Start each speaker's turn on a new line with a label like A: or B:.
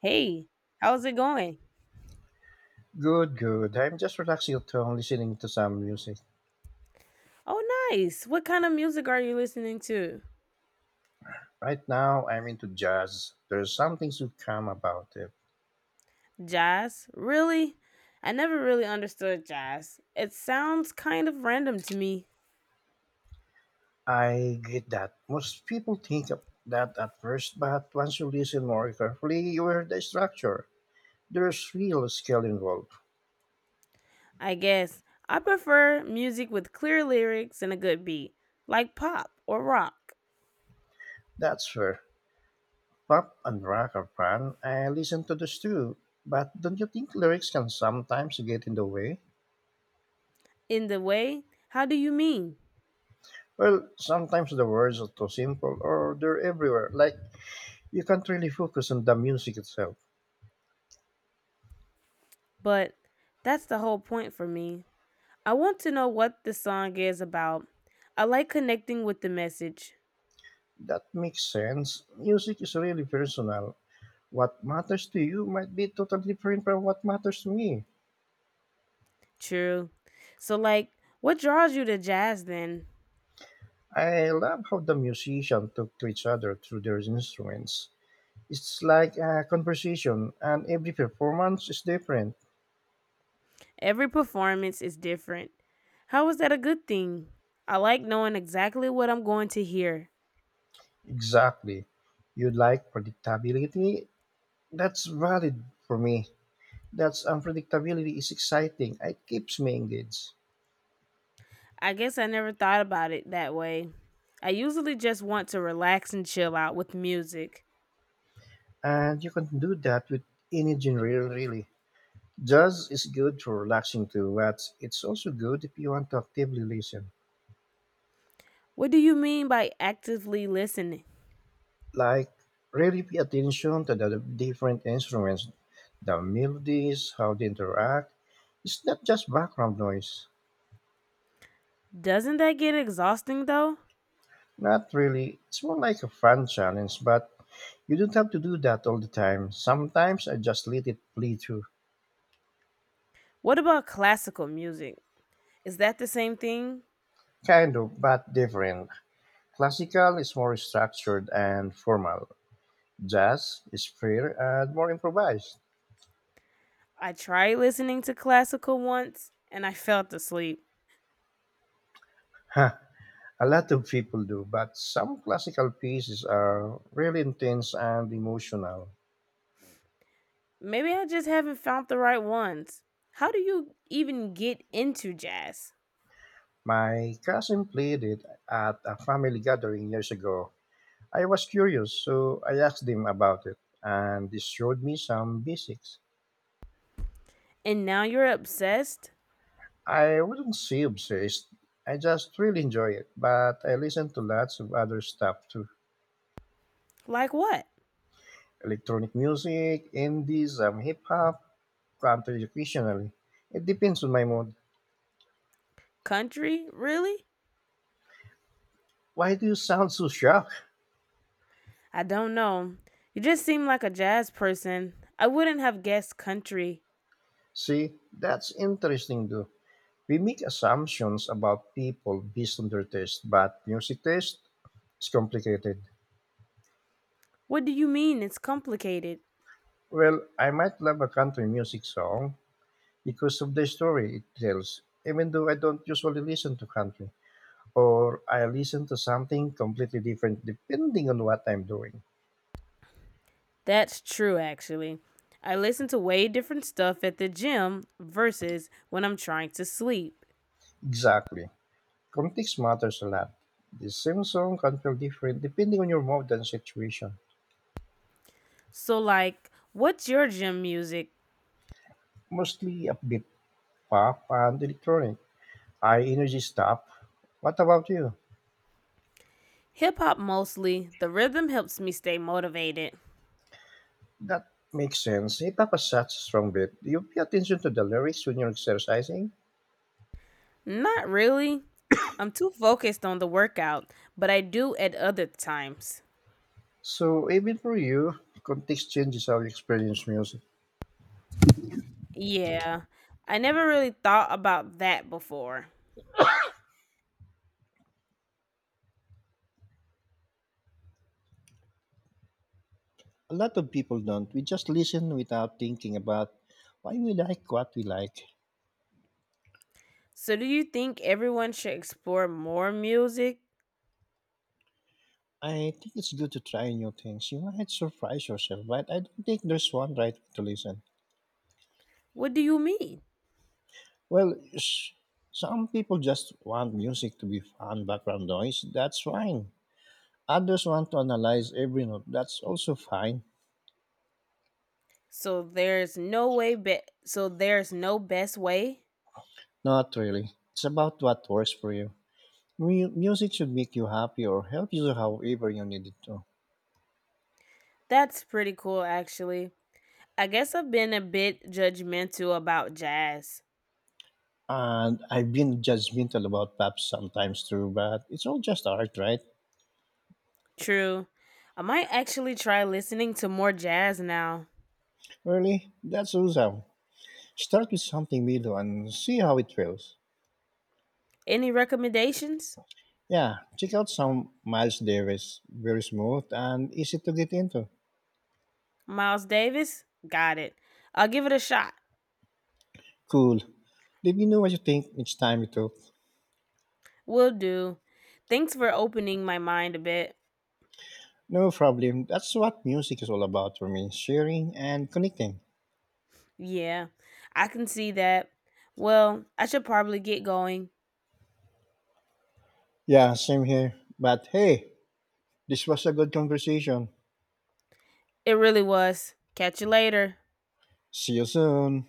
A: Hey, how's it going?
B: Good, good. I'm just relaxing at home listening to some music.
A: Oh, nice. What kind of music are you listening to?
B: Right now, I'm into jazz. There's something so calm about it.
A: Jazz? Really? I never really understood jazz. It sounds kind of random to me,
B: I get that. Most people think of that at first, but once you listen more carefully, you hear the structure. There's real skill involved.
A: I guess. I prefer music with clear lyrics and a good beat, like pop or rock.
B: That's fair. Pop and rock are fun. I listen to this too. But don't you think lyrics can sometimes get in the way?
A: In the way, how do you mean?
B: Well, sometimes the words are too simple or they're everywhere, like you can't really focus on the music itself.
A: But that's the whole point for me. I want to know what the song is about. I like connecting with the message.
B: That makes sense. Music is really personal. What matters to you might be totally different from what matters to me.
A: True. So, like, what draws you to jazz then?
B: I love how the musicians talk to each other through their instruments. It's like a conversation, and every performance is different.
A: Every performance is different. How is that a good thing? I like knowing exactly what I'm going to hear.
B: Exactly. You like predictability? That's valid for me. That's unpredictability is exciting. It keeps me engaged.
A: I guess I never thought about it that way. I usually just want to relax and chill out with music.
B: And you can do that with any genre, really. Jazz is good for relaxing to, but it's also good if you want to actively listen.
A: What do you mean by actively listening?
B: Like, really pay attention to the different instruments, the melodies, how they interact. It's not just background noise.
A: Doesn't that get exhausting though?
B: Not really. It's more like a fun challenge, but you don't have to do that all the time. Sometimes I just let it play through.
A: What about classical music? Is that the same thing?
B: Kind of, but different. Classical is more structured and formal. Jazz is freer and more improvised.
A: I tried listening to classical once and I fell asleep.
B: A lot of people do, but some classical pieces are really intense and emotional.
A: Maybe I just haven't found the right ones. How do you even get into jazz?
B: My cousin played it at a family gathering years ago. I was curious, so I asked him about it, and he showed me some basics.
A: And now you're obsessed?
B: I wouldn't say obsessed, I just really enjoy it, but I listen to lots of other stuff too:
A: Like what?
B: electronic music, indie, some hip hop, country occasionally. It depends on my mood.
A: Country? Really?
B: Why do you sound so shocked?
A: I don't know. You just seem like a jazz person. I wouldn't have guessed country.
B: See, that's interesting too. We make assumptions about people based on their taste, but music taste is complicated.
A: What do you mean it's complicated?
B: Well, I might love a country music song because of the story it tells, even though I don't usually listen to country. Or I listen to something completely different depending on what I'm doing.
A: That's true, actually. I listen to way different stuff at the gym versus when I'm trying to sleep.
B: Exactly. Context matters a lot. The same song can feel different depending on your mood and situation.
A: So, like, what's your gym music?
B: Mostly upbeat pop and electronic I energy stop. What about you?
A: Hip hop mostly. The rhythm helps me stay motivated.
B: That makes sense. Hip hop has such a strong beat. Do you pay attention to the lyrics when you're exercising?
A: Not really. I'm too focused on the workout, but I do at other times.
B: So even for you, context changes how you experience music.
A: Yeah, I never really thought about that before.
B: A lot of people don't. We just listen without thinking about why we like what we like.
A: So, do you think everyone should explore more music?
B: I think it's good to try new things. You might surprise yourself, but I don't think there's one right way to listen.
A: What do you mean?
B: Well, some people just want music to be fun background noise. That's fine. Others want to analyze every note. That's also fine.
A: So there's no best way?
B: Not really. It's about what works for you. Music should make you happy or help you however you need it to.
A: That's pretty cool actually. I guess I've been a bit judgmental about jazz.
B: And I've been judgmental about pop sometimes too, but it's all just art, right?
A: True. I might actually try listening to more jazz now.
B: Really? That's awesome. Start with something middle and see how it feels.
A: Any recommendations?
B: Yeah, check out some Miles Davis. Very smooth and easy to get into.
A: Miles Davis? Got it. I'll give it a shot.
B: Cool. Let me know what you think each time you talk.
A: Will do. Thanks for opening my mind a bit.
B: No problem. That's what music is all about for me, sharing and connecting.
A: Yeah, I can see that. Well, I should probably get going.
B: Yeah, same here. But hey, this was a good conversation.
A: It really was. Catch you later.
B: See you soon.